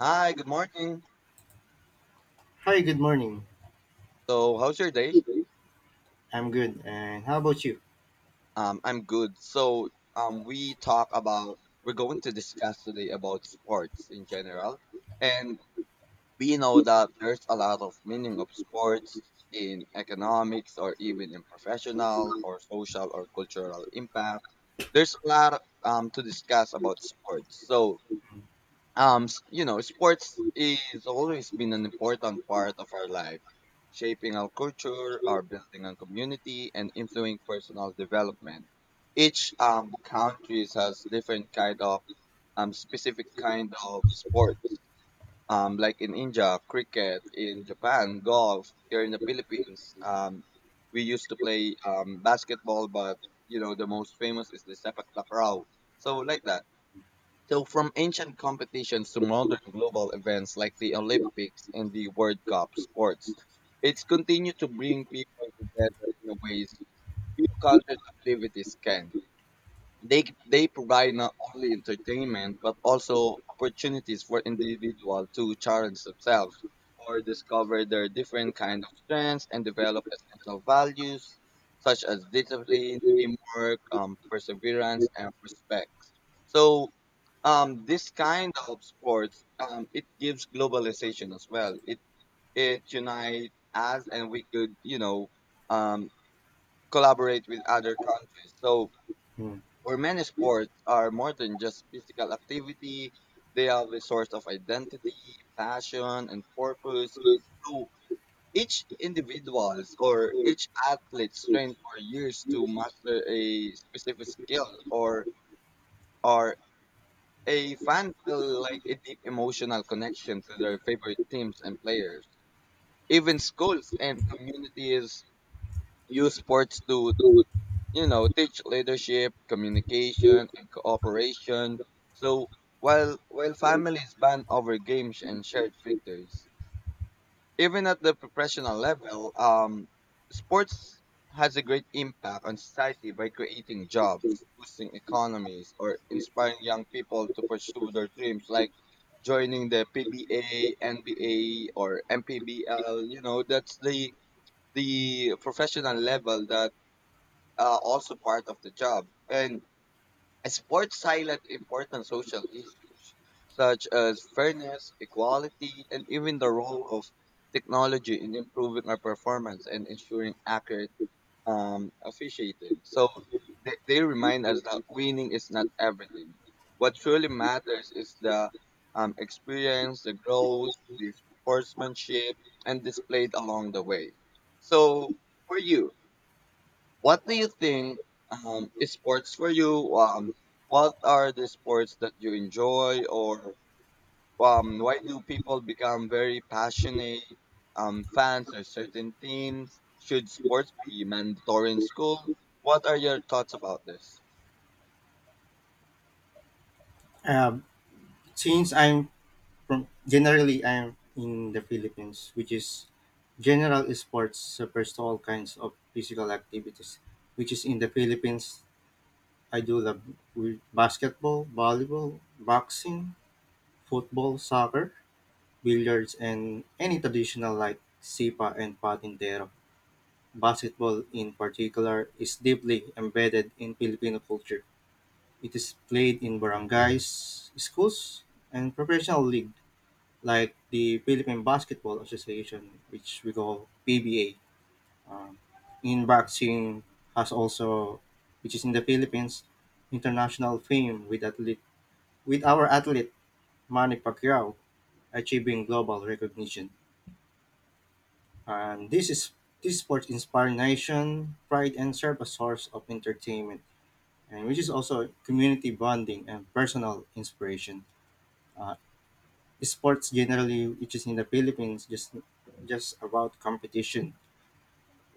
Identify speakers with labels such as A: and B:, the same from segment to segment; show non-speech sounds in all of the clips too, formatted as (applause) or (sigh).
A: Hi, good morning.
B: Hi, good morning.
A: So, how's your day?
B: I'm good. And how about you?
A: I'm good. So, we talk about we're going to discuss today about sports in general, and we know that there's a lot of meaning of sports in economics or even in professional or social or cultural impact. There's a lot to discuss about sports. So, you know sports is always been an important part of our life, shaping our culture, our building on community, and influencing personal development. Each country has different kind of, specific kind of sports, like in India, cricket; in Japan, golf; here in the Philippines, we used to play basketball, but you know the most famous is the sepak takraw. So like that. So, from ancient competitions to modern global events like the Olympics and the World Cup sports, it's continued to bring people together in ways few cultural activities can. They provide not only entertainment but also opportunities for individuals to challenge themselves or discover their different kind of strengths and develop essential values such as discipline, teamwork, perseverance, and respect. So, this kind of sports, it gives globalization as well. It unites us and we could, you know, um, collaborate with other countries. So
B: Hmm.
A: for many, sports are more than just physical activity, they are the source of identity, passion, and purpose. So each individual's or each athlete's train for years to master a specific skill, or a fan feel like a deep emotional connection to their favorite teams and players. Even schools and communities use sports to, you know, teach leadership, communication, and cooperation. So while families bond over games and shared victories, even at the professional level, sports has a great impact on society by creating jobs, boosting economies, or inspiring young people to pursue their dreams, like joining the PBA, NBA, or MPBL. You know, that's the professional level that also part of the job. And sports highlight important social issues such as fairness, equality, and even the role of technology in improving our performance and ensuring accurate, officiating. So they remind us that winning is not everything. What truly matters is the, experience, the growth, the sportsmanship, and displayed along the way. So for you, what do you think, is sports for you? What are the sports that you enjoy, or why do people become very passionate, fans of certain teams? Should sports be mandatory in school? What are your thoughts about this?
B: Uh, since I'm from generally I'm in the Philippines, which is general sports refers to all kinds of physical activities, which is in the Philippines I do love with basketball, volleyball, boxing, football, soccer, billiards, and any traditional like sipa and patintero. Basketball in particular is deeply embedded in Filipino culture. It is played in barangays, schools, and professional league like the Philippine Basketball Association, which we call PBA. Um, in boxing has also, which is in the Philippines, international fame with athlete with our athlete Manny Pacquiao achieving global recognition. And this sport inspires nation pride and serve as source of entertainment, and which is also community bonding and personal inspiration. Uh, Sports generally, which is in the Philippines, just about competition.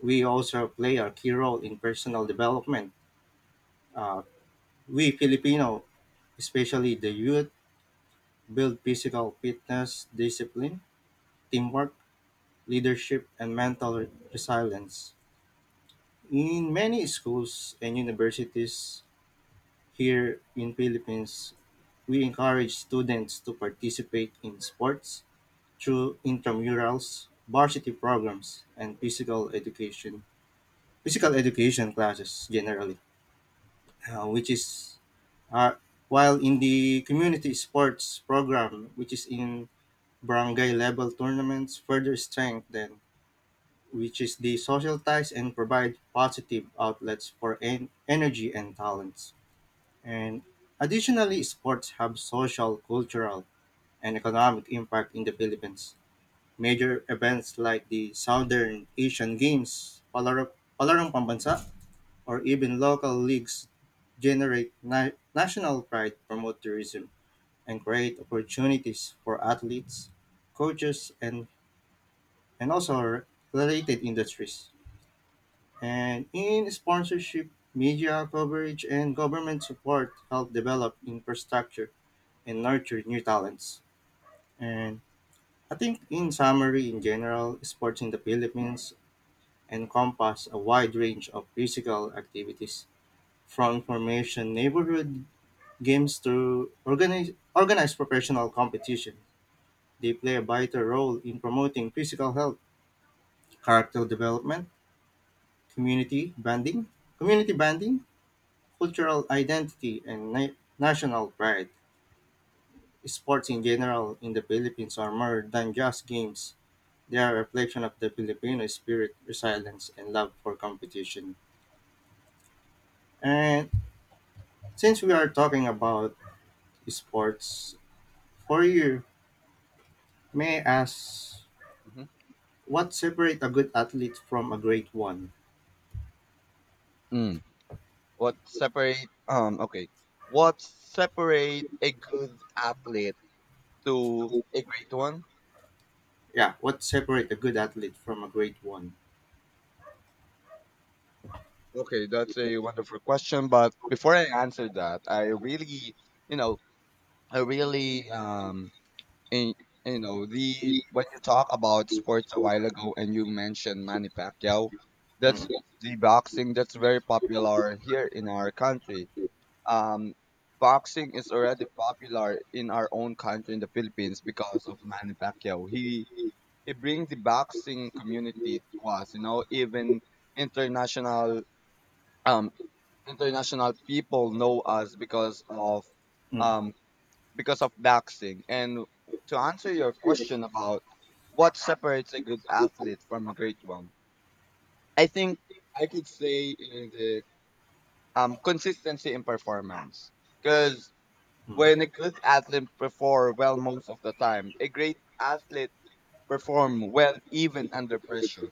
B: We also play a key role in personal development. Uh, we Filipino, especially the youth, build physical fitness, discipline, teamwork, leadership, and mental resilience. In many schools and universities here in Philippines, we encourage students to participate in sports through intramurals, varsity programs, and physical education classes generally, which is uh, while in the community sports program, which is in barangay level tournaments, further strengthen which is the social ties and provide positive outlets for energy and talents. And additionally, sports have social, cultural, and economic impact in the Philippines. Major events like the Southern Asian Games, palaro, Palarong Pambansa, or even local leagues generate national pride, promote tourism, and create opportunities for athletes, coaches, and also related industries. And in sponsorship, media coverage, and government support help develop infrastructure and nurture new talents. And I think, in summary, in general, sports in the Philippines encompass a wide range of physical activities, from information neighborhood games to organized professional competition. They play a vital role in promoting physical health, character development, community bonding, community bonding, cultural identity, and national pride. Sports in general in the Philippines are more than just games. They are a reflection of the Filipino spirit, resilience, and love for competition. And since we are talking about sports. For you, may I ask
A: hmm
B: what separate a good athlete from a great one?
A: Mm. What separate okay. What separate a good athlete to a great one?
B: Yeah, what separate a good athlete from a great one?
A: Okay, that's a wonderful question. But before I answer that, I really, you know, I really in, you know, the when you talk about sports a while ago and you mentioned Manny Pacquiao, that's
B: Mm,
A: the boxing that's very popular here in our country. Um, boxing is already popular in our own country in the Philippines because of Manny Pacquiao. He brings the boxing community to us. You know, even international, um international people know us because of,
B: mm,
A: um because of boxing. And to answer your question about what separates a good athlete from a great one, I think I could say in the, consistency in performance. Because
B: mm,
A: when a good athlete perform well most of the time, a great athlete perform well even under pressure.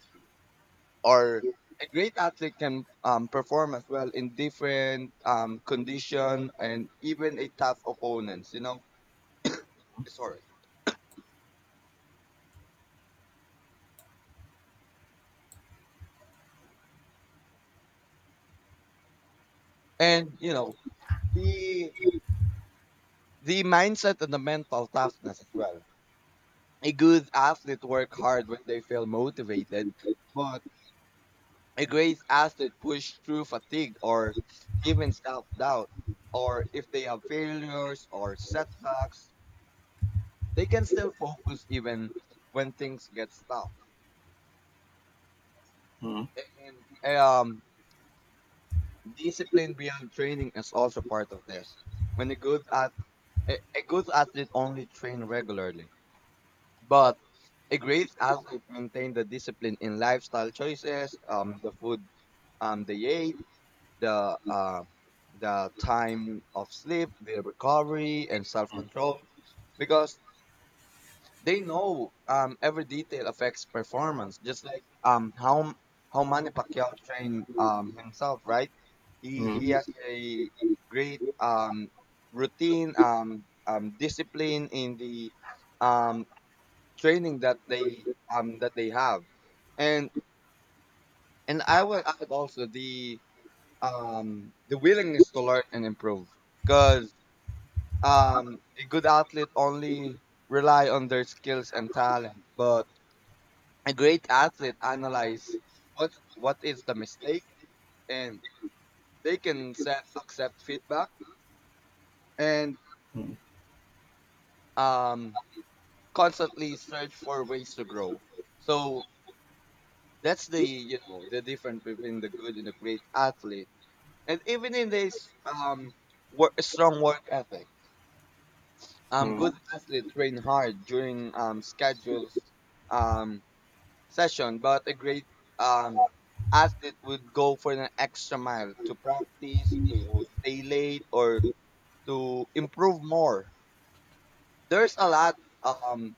A: Or a great athlete can, perform as well in different, condition and even a tough opponents. You know, sorry. And you know, the the mindset and the mental toughness as well. A good athlete work hard when they feel motivated, but a great athlete push through fatigue or even self doubt, or if they have failures or setbacks, they can still focus even when things get tough.
B: mm,
A: And discipline beyond training is also part of this. When a good at A good athlete only train regularly, but a great athlete maintained the discipline in lifestyle choices, the food, they ate, the, the time of sleep, their recovery, and self control, because they know, every detail affects performance. Just like, how Manny Pacquiao trained, himself, right? He
B: mm,
A: has a great, routine, discipline in the, um, training that they, that they have. and and I would add also the, the willingness to learn and improve, because, a good athlete only rely on their skills and talent, but a great athlete analyze what is the mistake, and they can set, accept feedback and,
B: mm,
A: um constantly search for ways to grow. So that's the, you know, the difference between the good and the great athlete. And even in this, work, strong work ethic,
B: mm,
A: good athletes train hard during scheduled, um session, but a great, um athlete would go for an extra mile to practice, to stay late, or to improve more. There's a lot, um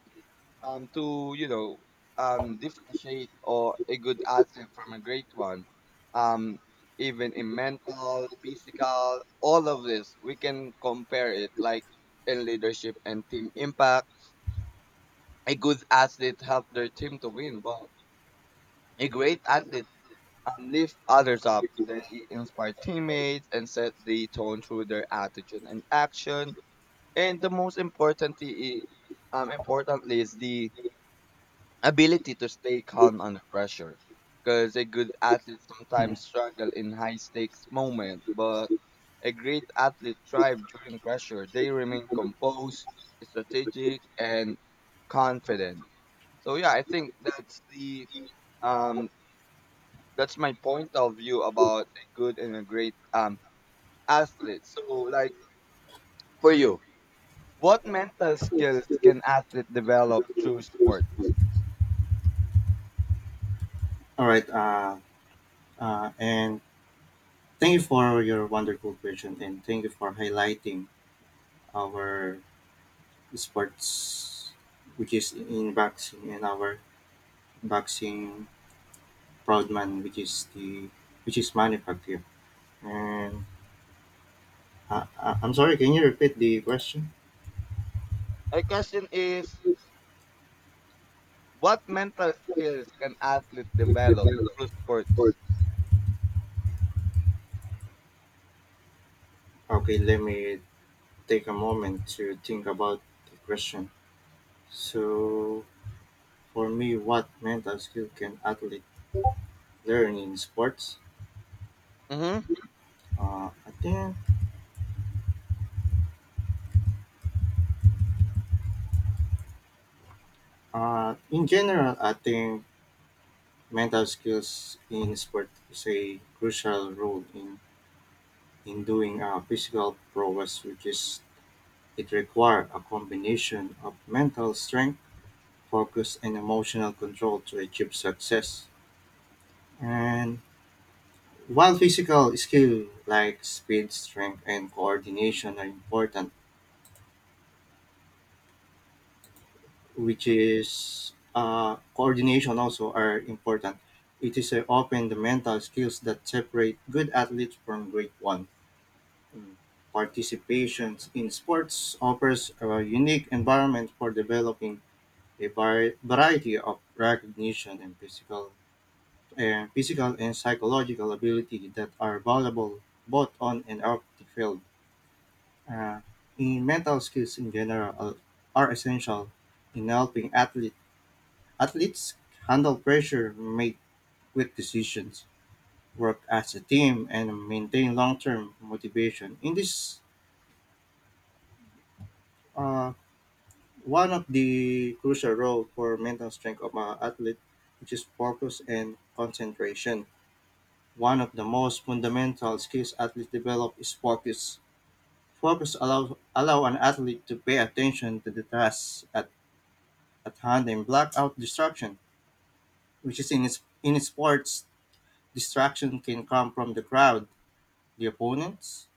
A: to, you know, differentiate or a good asset from a great one. um even in mental physical, all of this we can compare it, like in leadership and team impact. A good athlete help their team to win, but a great athlete, lift others up, that he inspired teammates and set the tone through their attitude and action. And the most importantly is the ability to stay calm under pressure. Because a good athlete
B: mm.
A: sometimes struggle in high stakes moment, but a great athlete thrive during pressure. They remain composed, strategic, and confident. So yeah, I think that's the, um that's my point of view about a good and a great, athlete. So like for you, what mental skills can athlete develop through sports?
B: All right. And thank you for your wonderful question, and thank you for highlighting our sports, which is in boxing, and our boxing proud man, which is the which is manufacture. And I'm sorry, can you repeat the question?
A: My question is, what mental skills can athletes
B: If
A: develop
B: developed
A: through
B: for.
A: sports?
B: Okay, let me take a moment to think about the question. So, for me, what mental skill can athlete learn in sports?
A: Mm-hmm.
B: Uh, I think, in general, I think mental skills in sport is a crucial role in doing physical progress, which is it requires a combination of mental strength, focus, and emotional control to achieve success. And while physical skill like speed, strength, and coordination are important, which is coordination also are important. It is often the mental skills that separate good athletes from great ones. Mm. Participation in sports offers a unique environment for developing a variety of recognition and physical, physical and psychological ability that are valuable both on and off the field. Uh, in mental skills in general are essential in helping athletes handle pressure, make quick decisions, work as a team, and maintain long-term motivation. In this, uh, one of the crucial role for mental strength of an athlete, which is focus and concentration. One of the most fundamental skills athletes develop is focus. Focus allow an athlete to pay attention to the task at hand and blackout distraction, which is in sports, distraction can come from the crowd, the opponents,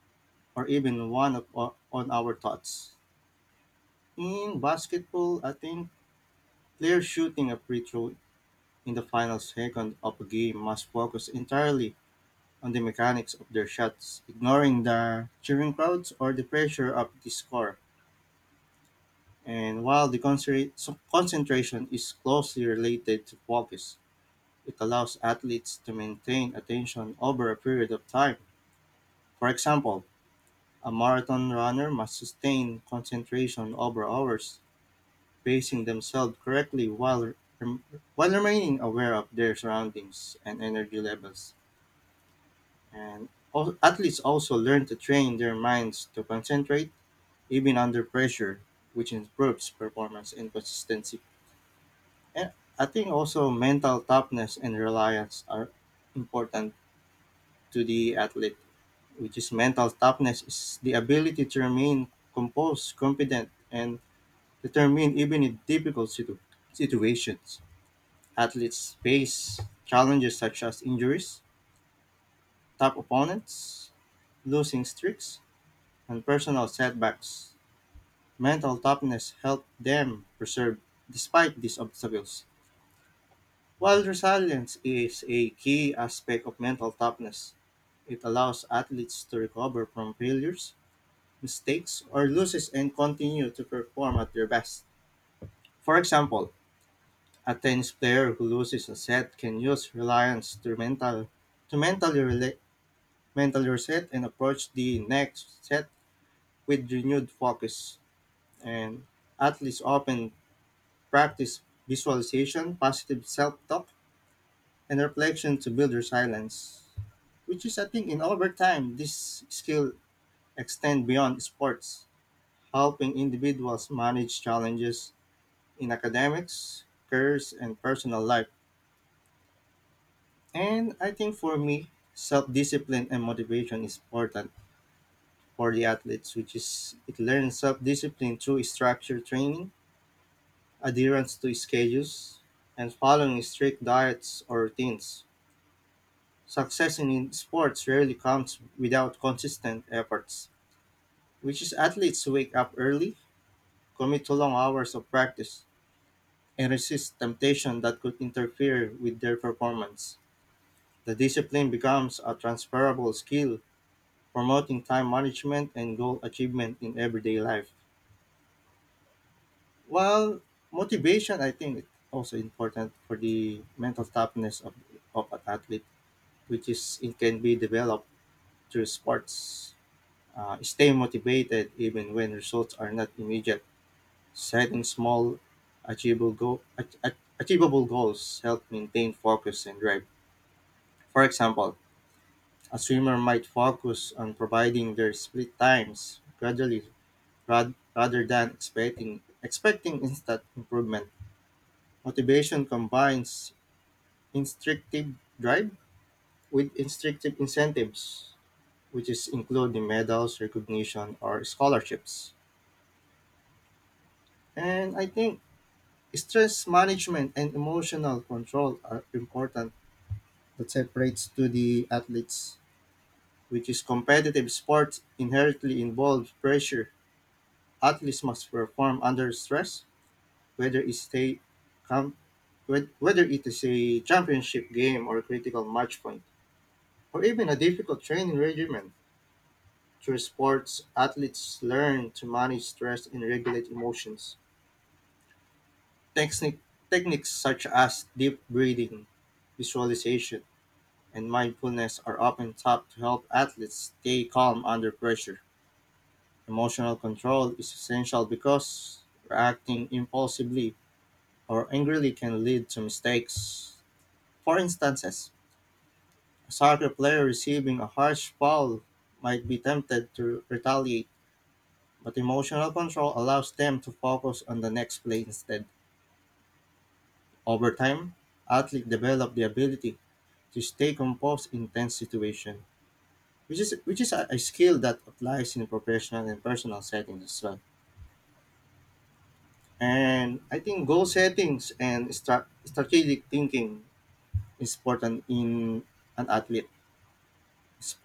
B: or even on our thoughts. In basketball, I think players shooting a free throw in the final second of a game must focus entirely on the mechanics of their shots, ignoring the cheering crowds or the pressure of the score. And while the concentration is closely related to focus, it allows athletes to maintain attention over a period of time. For example, a marathon runner must sustain concentration over hours, pacing themselves correctly rem- while remaining aware of their surroundings and energy levels. And athletes also learn to train their minds to concentrate even under pressure, which improves performance and consistency. And I think also mental toughness and reliance are important to the athlete, which is mental toughness is the ability to remain composed, confident, and determined even in difficult situations. Athletes face challenges such as injuries, tough opponents, losing streaks, and personal setbacks. Mental toughness helps them persevere despite these obstacles. While resilience is a key aspect of mental toughness, it allows athletes to recover from failures mistakes or loses and continue to perform at their best. For example, a tennis player who loses a set can use reliance to mental to mentally mentally reset and approach the next set with renewed focus. And athletes often practice visualization, positive self-talk, and reflection to build resilience. Which is, I think, in over time, this skill extend beyond sports, helping individuals manage challenges, in academics, careers, and personal life. And I think for me, self discipline and motivation is important for the athletes, which is it learns self discipline through structured training, adherence to schedules, and following strict diets or routines. Success in sports rarely comes without consistent efforts, which is athletes who wake up early, commit to long hours of practice, and resist temptation that could interfere with their performance. The discipline becomes a transferable skill, promoting time management and goal achievement in everyday life. While motivation, I think, is also important for the mental toughness of an athlete, which is it can be developed through sports. Stay motivated even when results are not immediate. Setting small, achievable, go- ach- ach- achievable goals help maintain focus and drive. For example, a swimmer might focus on providing their split times gradually rather than expecting instant improvement. Motivation combines instinctive drive with instinctive incentives, which is including medals, recognition, or scholarships. And I think stress management and emotional control are important that separates to the athletes, which is competitive sports inherently involves pressure. Athletes must perform under stress, whether it's a com- whe- whether it is a championship game or a critical match point, or even a difficult training regimen. Through sports, athletes learn to manage stress and regulate emotions. Technic- Techniques such as deep breathing, visualization, and mindfulness are often taught to help athletes stay calm under pressure. Emotional control is essential because reacting impulsively or angrily can lead to mistakes. For instance, a soccer player receiving a harsh foul might be tempted to retaliate, but emotional control allows them to focus on the next play instead. Over time, athletes develop the ability to stay composed in tense situations, which is a skill that applies in professional and personal settings as well. And I think goal settings and strategic thinking is important in an athlete.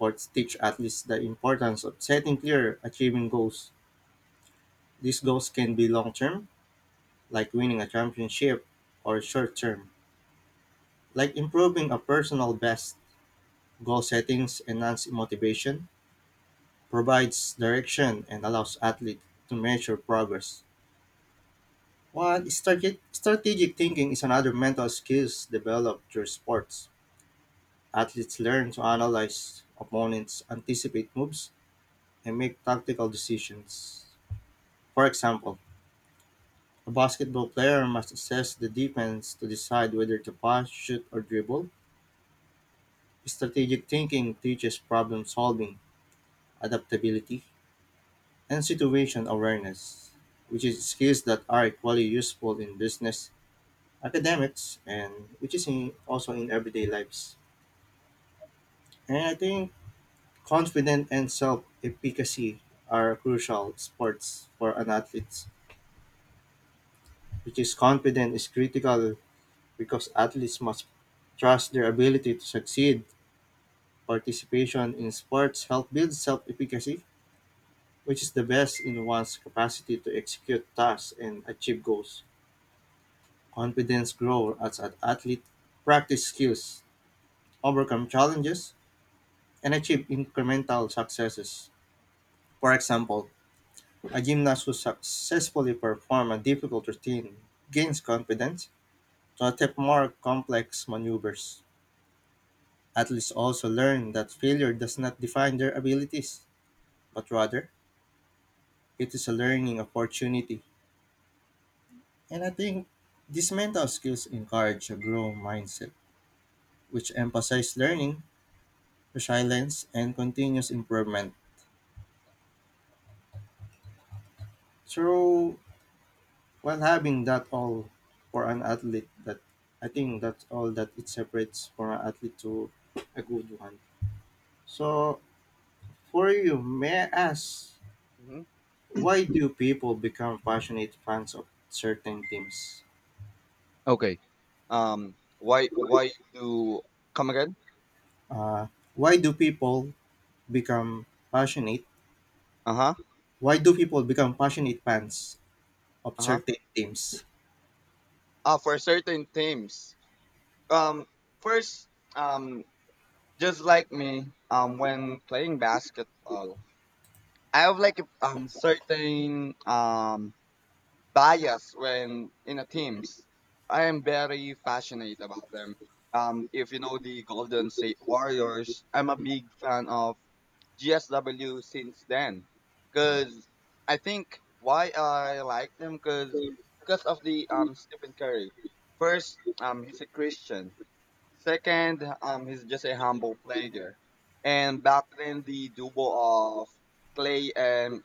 A: Yeah.
B: teach athletes the importance of setting clear, achieving goals. These goals can be long term, like winning a championship, or short term, like improving a personal best. Goal settings enhance motivation, provides direction, and allows athletes to measure progress. While strategic thinking is another mental skills developed through sports. Athletes learn to analyze opponents, anticipate moves, and make tactical decisions. For example, a basketball player must assess the defense to decide whether to pass, shoot, or dribble. Strategic thinking teaches problem solving, adaptability, and situation awareness, which is skills that are equally useful in business, academics, and also in everyday lives. And I think confidence and self efficacy are crucial sports for an athlete, which is confident is critical because athletes must trust their ability to succeed. Participation in sports help build self-efficacy, which is the best in one's capacity to execute tasks and achieve goals. Confidence grows as an athlete practice skills, overcome challenges, and achieve incremental successes. For example, a gymnast who successfully performs a difficult routine gains confidence to attempt more complex maneuvers. Athletes also learn that failure does not define their abilities, but rather it is a learning opportunity. And I think these mental skills encourage a growth mindset, which emphasize learning, resilience, and continuous improvement. So while having that all for an athlete, that I think that's all that it separates for an athlete to a good one. So for you, may I ask,
A: hmm
B: why do people become passionate fans of certain teams?
A: Okay. Why why do come again?
B: uh, why do people become passionate?
A: Uh huh.
B: Why do people become passionate fans of
A: Uh huh.
B: certain teams.
A: For certain teams. Um, first, um, just like me, when playing basketball, I have like, certain, bias when in a teams. I am very passionate about them. If you know the Golden State Warriors, I'm a big fan of GSW since then,
B: Mm.
A: because I think why I like them because of the Stephen Curry. First, he's a Christian. Second, he's just a humble player. And back then, the duo of Clay and,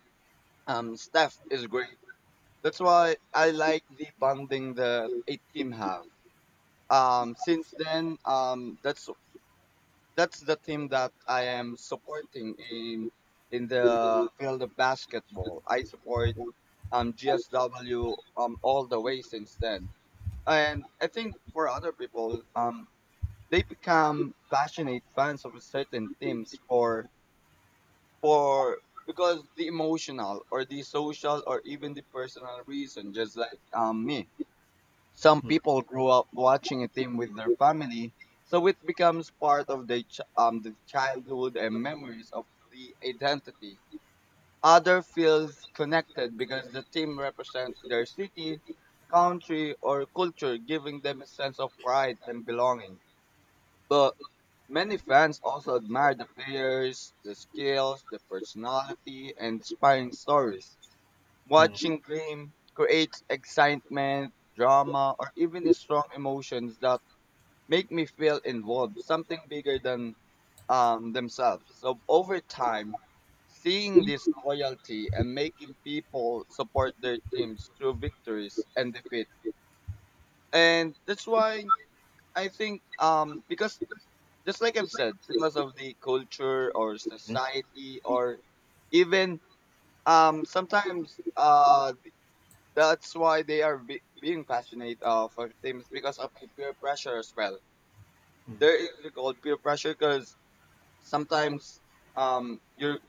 A: Steph is great. That's why I like the bonding that a team have. Since then, that's the team that I am supporting in the
B: Generally,
A: field of basketball. I support, GSW, all the way since then. And I think for other people, they become passionate fans of certain teams for because the emotional or the social or even the personal reason, just like, me. Some
B: Mm,
A: people grow up watching a team with their family, so it becomes part of their the childhood and memories of the identity. Other feels connected because the team represent their city, country, or culture, giving them a sense of pride and belonging. But many fans also admire the players, the skills, the personality, and inspiring stories.
B: mm,
A: Watching Gleam creates excitement, drama, or even the strong emotions that make me feel involved, something bigger than, themselves. So over time, seeing this loyalty and making people support their teams through victories and defeat, and that's why I think, because just like I've said, because of the culture or
B: mm,
A: society or even, sometimes, that's why they are being passionate, for teams because of the peer pressure as well. There
B: mm.
A: is a called peer pressure, because sometimes, your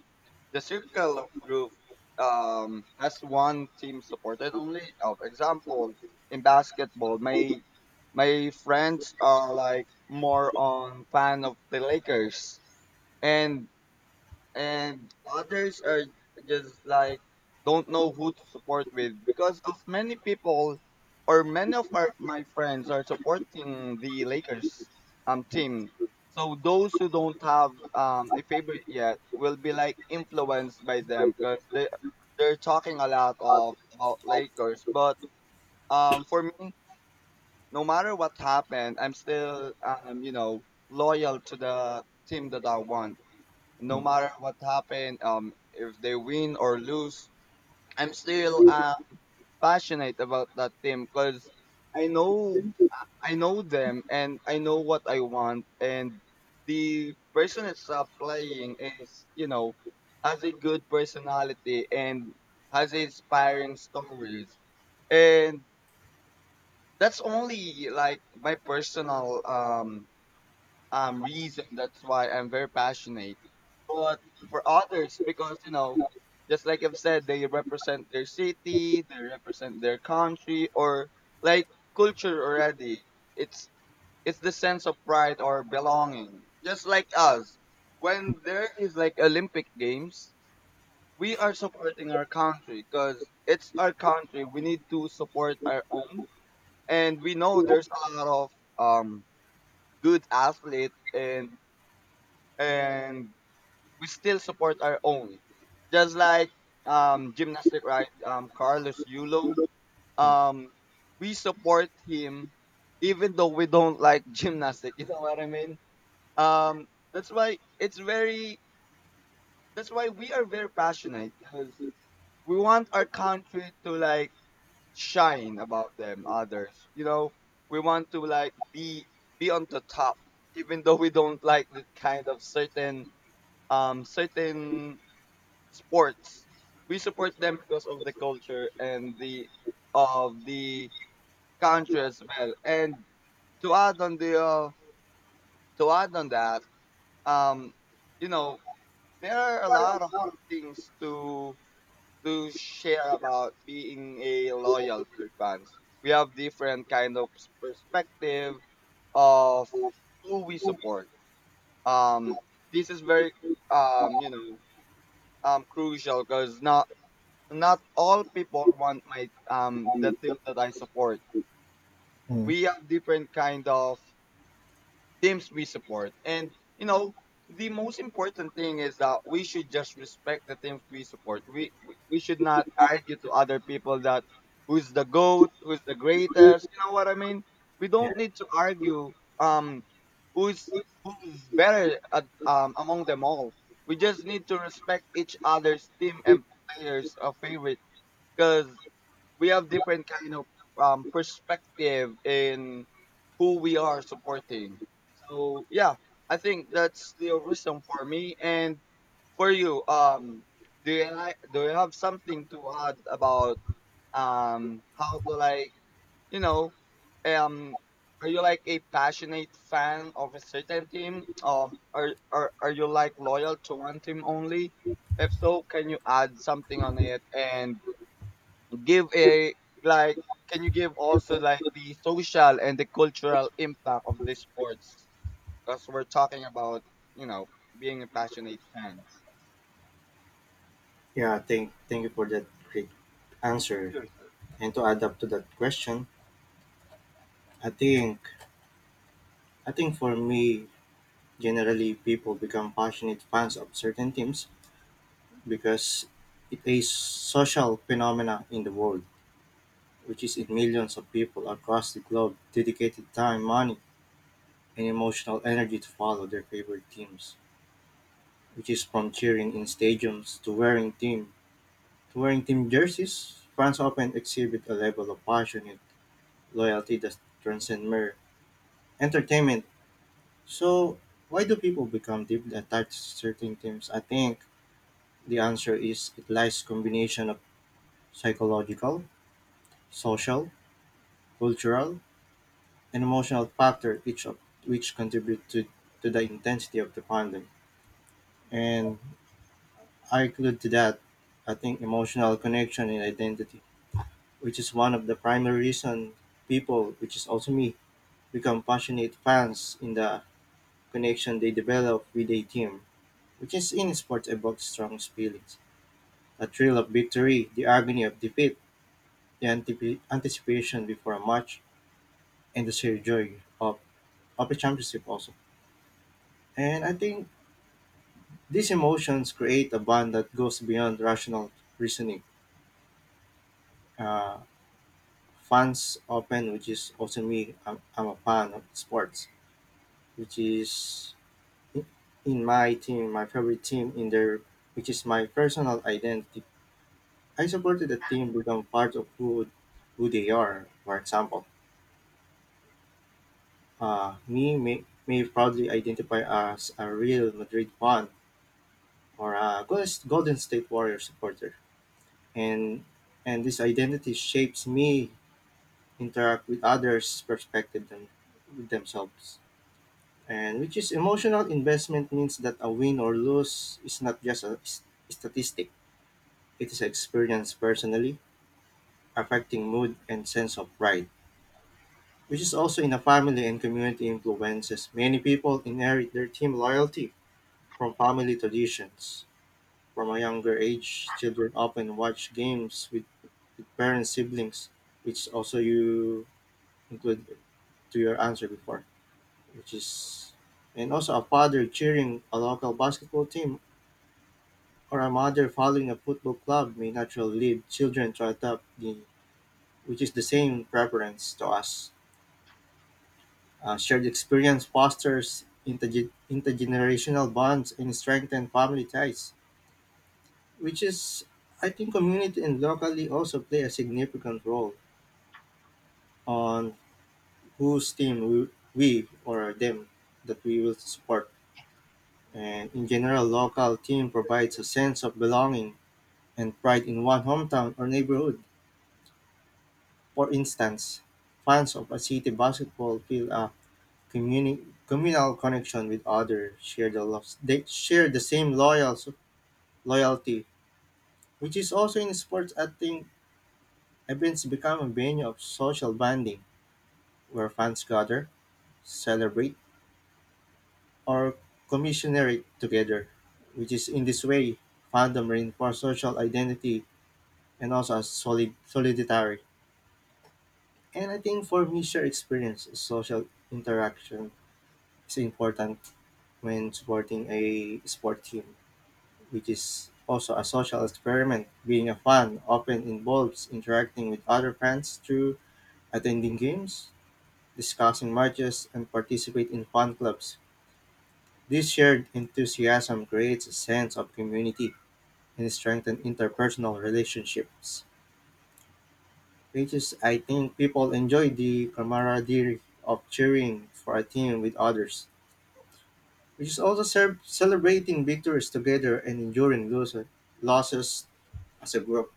A: the circle of group, has one team supported only. Of example, in basketball, my friends are like more on fan of the Lakers, and and others are just like don't know who to support with because of many people or many of my friends are supporting the Lakers, team. So those who don't have, a favorite yet will be like influenced by them because they're talking a lot of about Lakers. But, for me, no matter what happened, I'm still, you know, loyal to the team that I want, no matter what happened, if they win or lose, I'm still, passionate about that team because I know I know them, and I know what I want, and the person that's, playing is, you know, has a good personality and has inspiring stories, and that's only like my personal, reason, that's why I'm very passionate. But for others, because, you know, just like I've said, they represent their city, they represent their country, or like culture already. It's it's the sense of pride or belonging. Just like us, when there is like Olympic Games, we are supporting our country because it's our country. We need to support our own, and we know there's a lot of um good athlete and we still support our own. Just like gymnastic, right, Carlos Yulo, um we support him even though we don't like (laughs) gymnastic, you know what I mean. um that's why it's very that's why we are very passionate, because we want our country to, like, shine about them others, you know, we want to, like, be on the top even though we don't like the kind of certain certain sports. We support them because of the culture and the country as well. And to add on the uh, to add on that, um, you know, there are a lot of things to share about being a loyal to fans. We have different kind of perspective of who we support. Um, this is very um, you know, crucial because now not all people want my the
B: um,
A: team that I support.
B: Mm,
A: We have different kind of teams we support, and you know the most important thing is that we should just respect the teams we support. We should not argue to other people that who's the goat, who's the greatest. You know what I mean? We
B: yeah,
A: don't need to argue um who's who's better at, among them all. We just need to respect each other's team and players' favorite, because we have different kind of perspective in who we are supporting. So yeah, I think that's the reason for me and for you. Do you have something to add about how to, like, you know, um are you like a passionate fan of a certain team, or are you like loyal to one team only? If so, can you add something on it and give a like can you give also like the social and the cultural impact of the sports, because we're talking about, you know, being a passionate fans.
B: yeah. Thank, thank you for that great answer.
A: Sure, sure.
B: And to add up to that question, I think, I think for me, generally people become passionate fans of certain teams because it's a social phenomena in the world, which is in millions of people across the globe dedicated time, money, and emotional energy to follow their favorite teams, which is from cheering in stadiums to wearing team jerseys. Fans often exhibit a level of passionate loyalty that transcends mere entertainment. So, why do people become deeply attached to certain teams? I think the answer is it lies combination of psychological, social, cultural, and emotional factor, each of which contribute to the intensity of the fandom. And I include to that, I think, emotional connection and identity. Which is one of the primary reason people, which is also me, become passionate fans in the connection they develop with a team, which is in sports evokes strong feelings. The thrill of victory, the agony of defeat, the anticipation before a match, and the sheer joy of a championship also. And I think these emotions create a bond that goes beyond rational reasoning. Uh, Fans often, which is also me, I'm a fan of sports, which is in my team, my favorite team in there, which is my personal identity. I supported the team become part of who they are. For example, me may proudly identify as a real Madrid fan or a Golden State Warriors supporter, and and this identity shapes me interact with others' perspective than with themselves. And which is emotional investment means that a win or lose is not just a statistic. It is experienced personally, affecting mood and sense of pride, which is also in a family and community influences. Many people inherit their team loyalty from family traditions. From a younger age, children often watch games with parents, siblings, which also you include to your answer before, which is and also a father cheering a local basketball team or a mother following a football club may naturally lead children to adopt the which is the same preference to us. Shared experience fosters intergenerational bonds and strengthen family ties, which is, I think, community and locally also play a significant role on whose team we or them that we will support. And in general, local team provides a sense of belonging and pride in one hometown or neighborhood. For instance, fans of a city basketball feel a communal connection with others share the they share the same loyalty, which is also in sports. I think events become a venue of social bonding where fans gather, celebrate, or commiserate together. Which is in this way, fandom reinforces social identity and also as solidary. And I think for me, shared experience, social interaction is important when supporting a sport team, which is also a social experiment. Being a fan often involves interacting with other fans through attending games, discussing matches, and participate in fan clubs. This shared enthusiasm creates a sense of community and strengthens interpersonal relationships. Which is, I think, people enjoy the camaraderie of cheering for a team with others, which is also serve celebrating victories together and enduring losses as a group.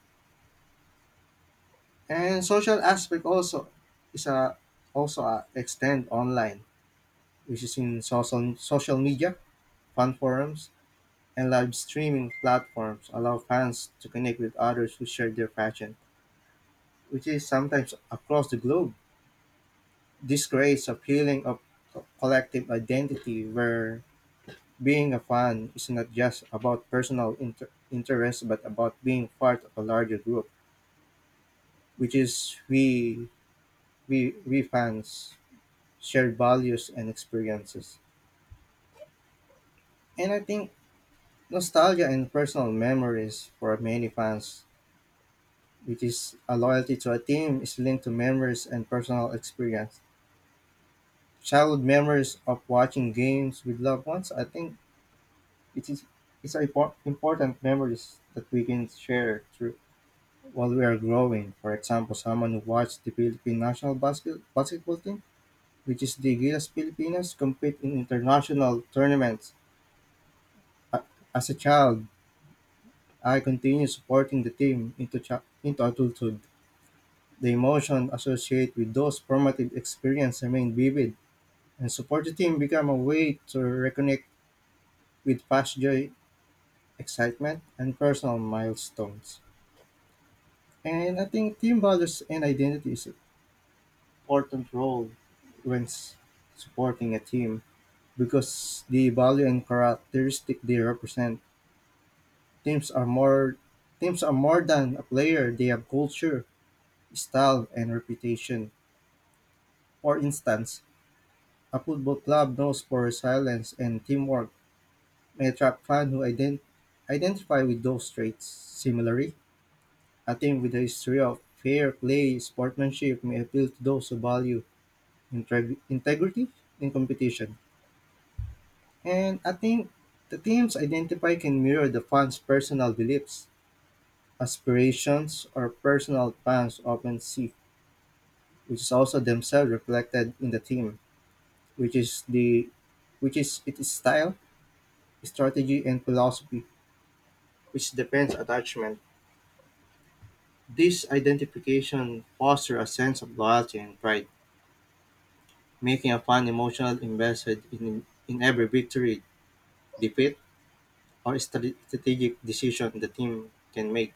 B: And social aspect also is a also a extend online, which is in social media, fan forums, and live streaming platforms allow fans to connect with others who share their passion, which is sometimes across the globe. This creates a feeling of collective identity where being a fan is not just about personal interest, but about being part of a larger group, which is we fans, shared values and experiences. And I think nostalgia and personal memories for many fans, which is a loyalty to a team, is linked to memories and personal experience. Childhood memories of watching games with loved ones, I think it is it's a important memories that we can share through while we are growing. For example, someone who watched the Philippine national basketball team, which is the Gilas Pilipinas, compete in international tournaments. A- As a child, I continue supporting the team into, into adulthood. The emotion associated with those formative experiences remain vivid, and support the team become a way to reconnect with past joy, excitement, and personal milestones. And I think team values and identity is an important role when supporting a team because the value and characteristic they represent. Teams are more Teams are more than a player; they have culture, style, and reputation. For instance, a football club known for resilience and teamwork may attract fans who identify with those traits. Similarly, a team with a history of fair play, sportsmanship may appeal to those who value integrity in competition. And I think the team's identify can mirror the fans' personal beliefs, aspirations, or personal plans often see, which is also themselves reflected in the team, which is the which is its style strategy and philosophy, which depends attachment. This identification fosters a sense of loyalty and pride, making a fan emotional invested in every victory, defeat, or strategic decision the team can make.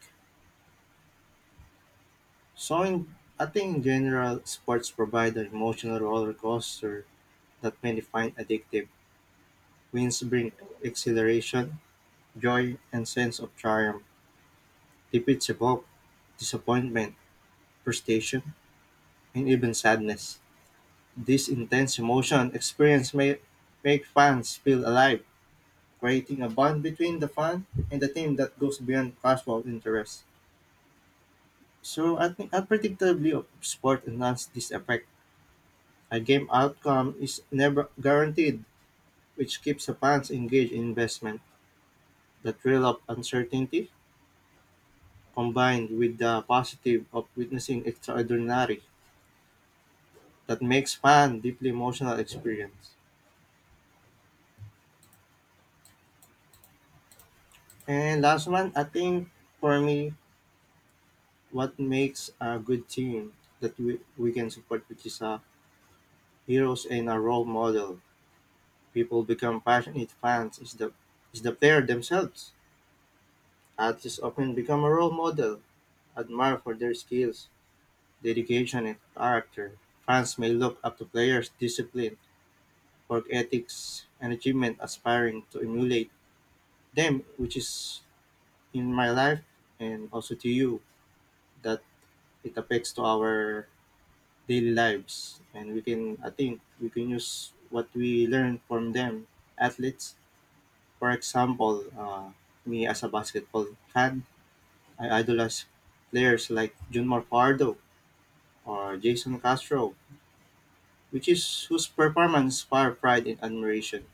B: So, in, I think in general, sports provide an emotional roller coaster that many find addictive. Wins bring exhilaration, joy, and sense of triumph. Defeats evoke disappointment, frustration, and even sadness. This intense emotion experience may make fans feel alive, creating a bond between the fan and the team that goes beyond casual interest. So I think unpredictably of sport enhances this effect. A game outcome is never guaranteed, which keeps the fans engaged in investment. The thrill of uncertainty combined with the positive of witnessing extraordinary that makes fan deeply emotional experience. And last one, I think for me what makes a good team that we can support, which is a heroes and a role model. People become passionate fans. Is the player themselves. Artists often become a role model, admired for their skills, dedication, and character. Fans may look up to players' discipline, work ethics, and achievement, aspiring to emulate them, which is in my life and also to you that it affects to our daily lives, and we can I think we can use what we learn from them athletes, for example. Me as a basketball fan, I idolize players like Junmar Pardo or Jason Castro, which is whose performance fire pride and admiration.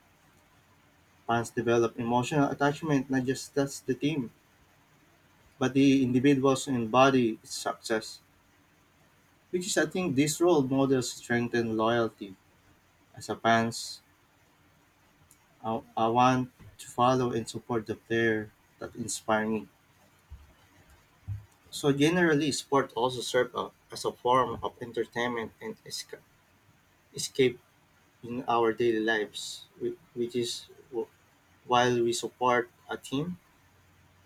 B: Fans develop emotional attachment not just that's the team but the individuals embody its success, which is I think this role models strengthen loyalty. As a fans, I want to follow and support the player that inspire me. So generally, sport also serve a, as a form of entertainment and escape in our daily lives, while we support a team.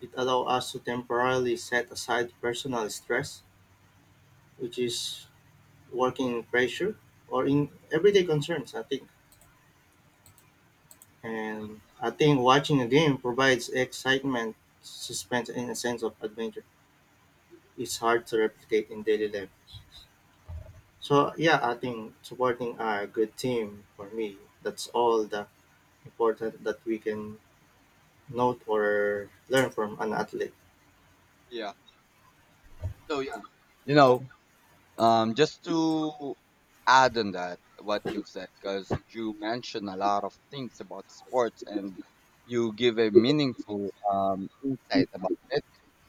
B: It allows us to temporarily set aside personal stress, which is working pressure or in everyday concerns, I think.
A: Uh,
B: And I think watching a game provides excitement, suspense, and a sense of adventure. It's hard to replicate in daily life. So yeah, I think supporting a good team for me, that's all the important that we can note or learn from an athlete.
A: yeah yeah, you know, just to add on that, what you've said, because you mentioned a lot of things about sports, and you give a meaningful insight about it.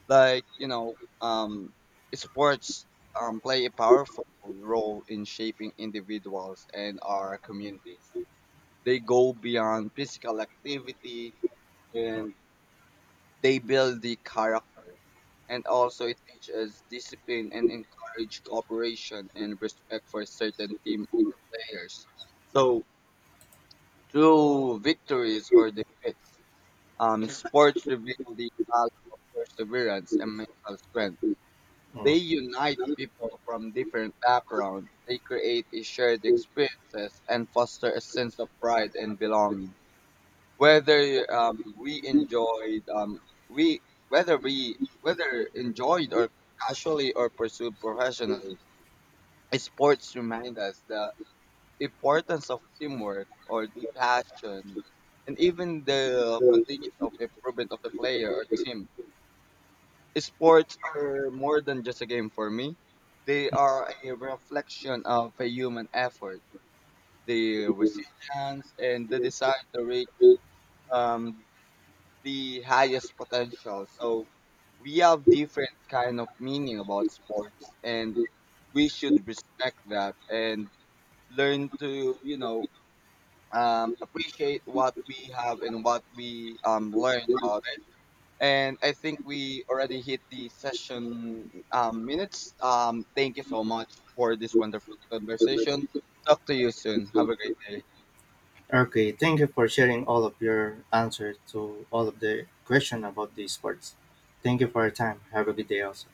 A: Like, you know, sports play a powerful role in shaping individuals and our communities. They go beyond physical activity, and they build the character, and also it teaches discipline and encourage cooperation and respect for certain team or
B: Mm,
A: players. So through victories or defeats, (laughs) sports reveal the value of perseverance and mental strength. They
B: mm.
A: unite people from different backgrounds. They create a shared experiences and foster a sense of pride and belonging. Whether um, we enjoyed um, we whether we whether enjoyed or casually or pursued professionally, sports remind us the importance of teamwork or the passion and even the continuous of improvement of the player or team. Sports are more than just a game for me. They are a reflection of a human effort, the resilience, and the desire to reach um, the highest potential. So we have different kind of meaning about sports, and we should respect that and learn to, you know, appreciate what we have and what we, learn about it. And I think we already hit the session, minutes. Thank you so much for this wonderful conversation. Talk to you soon. Have a great day.
B: Okay, thank you for sharing all of your answers to all of the question about these sports. Thank you for your time. Have a good day also.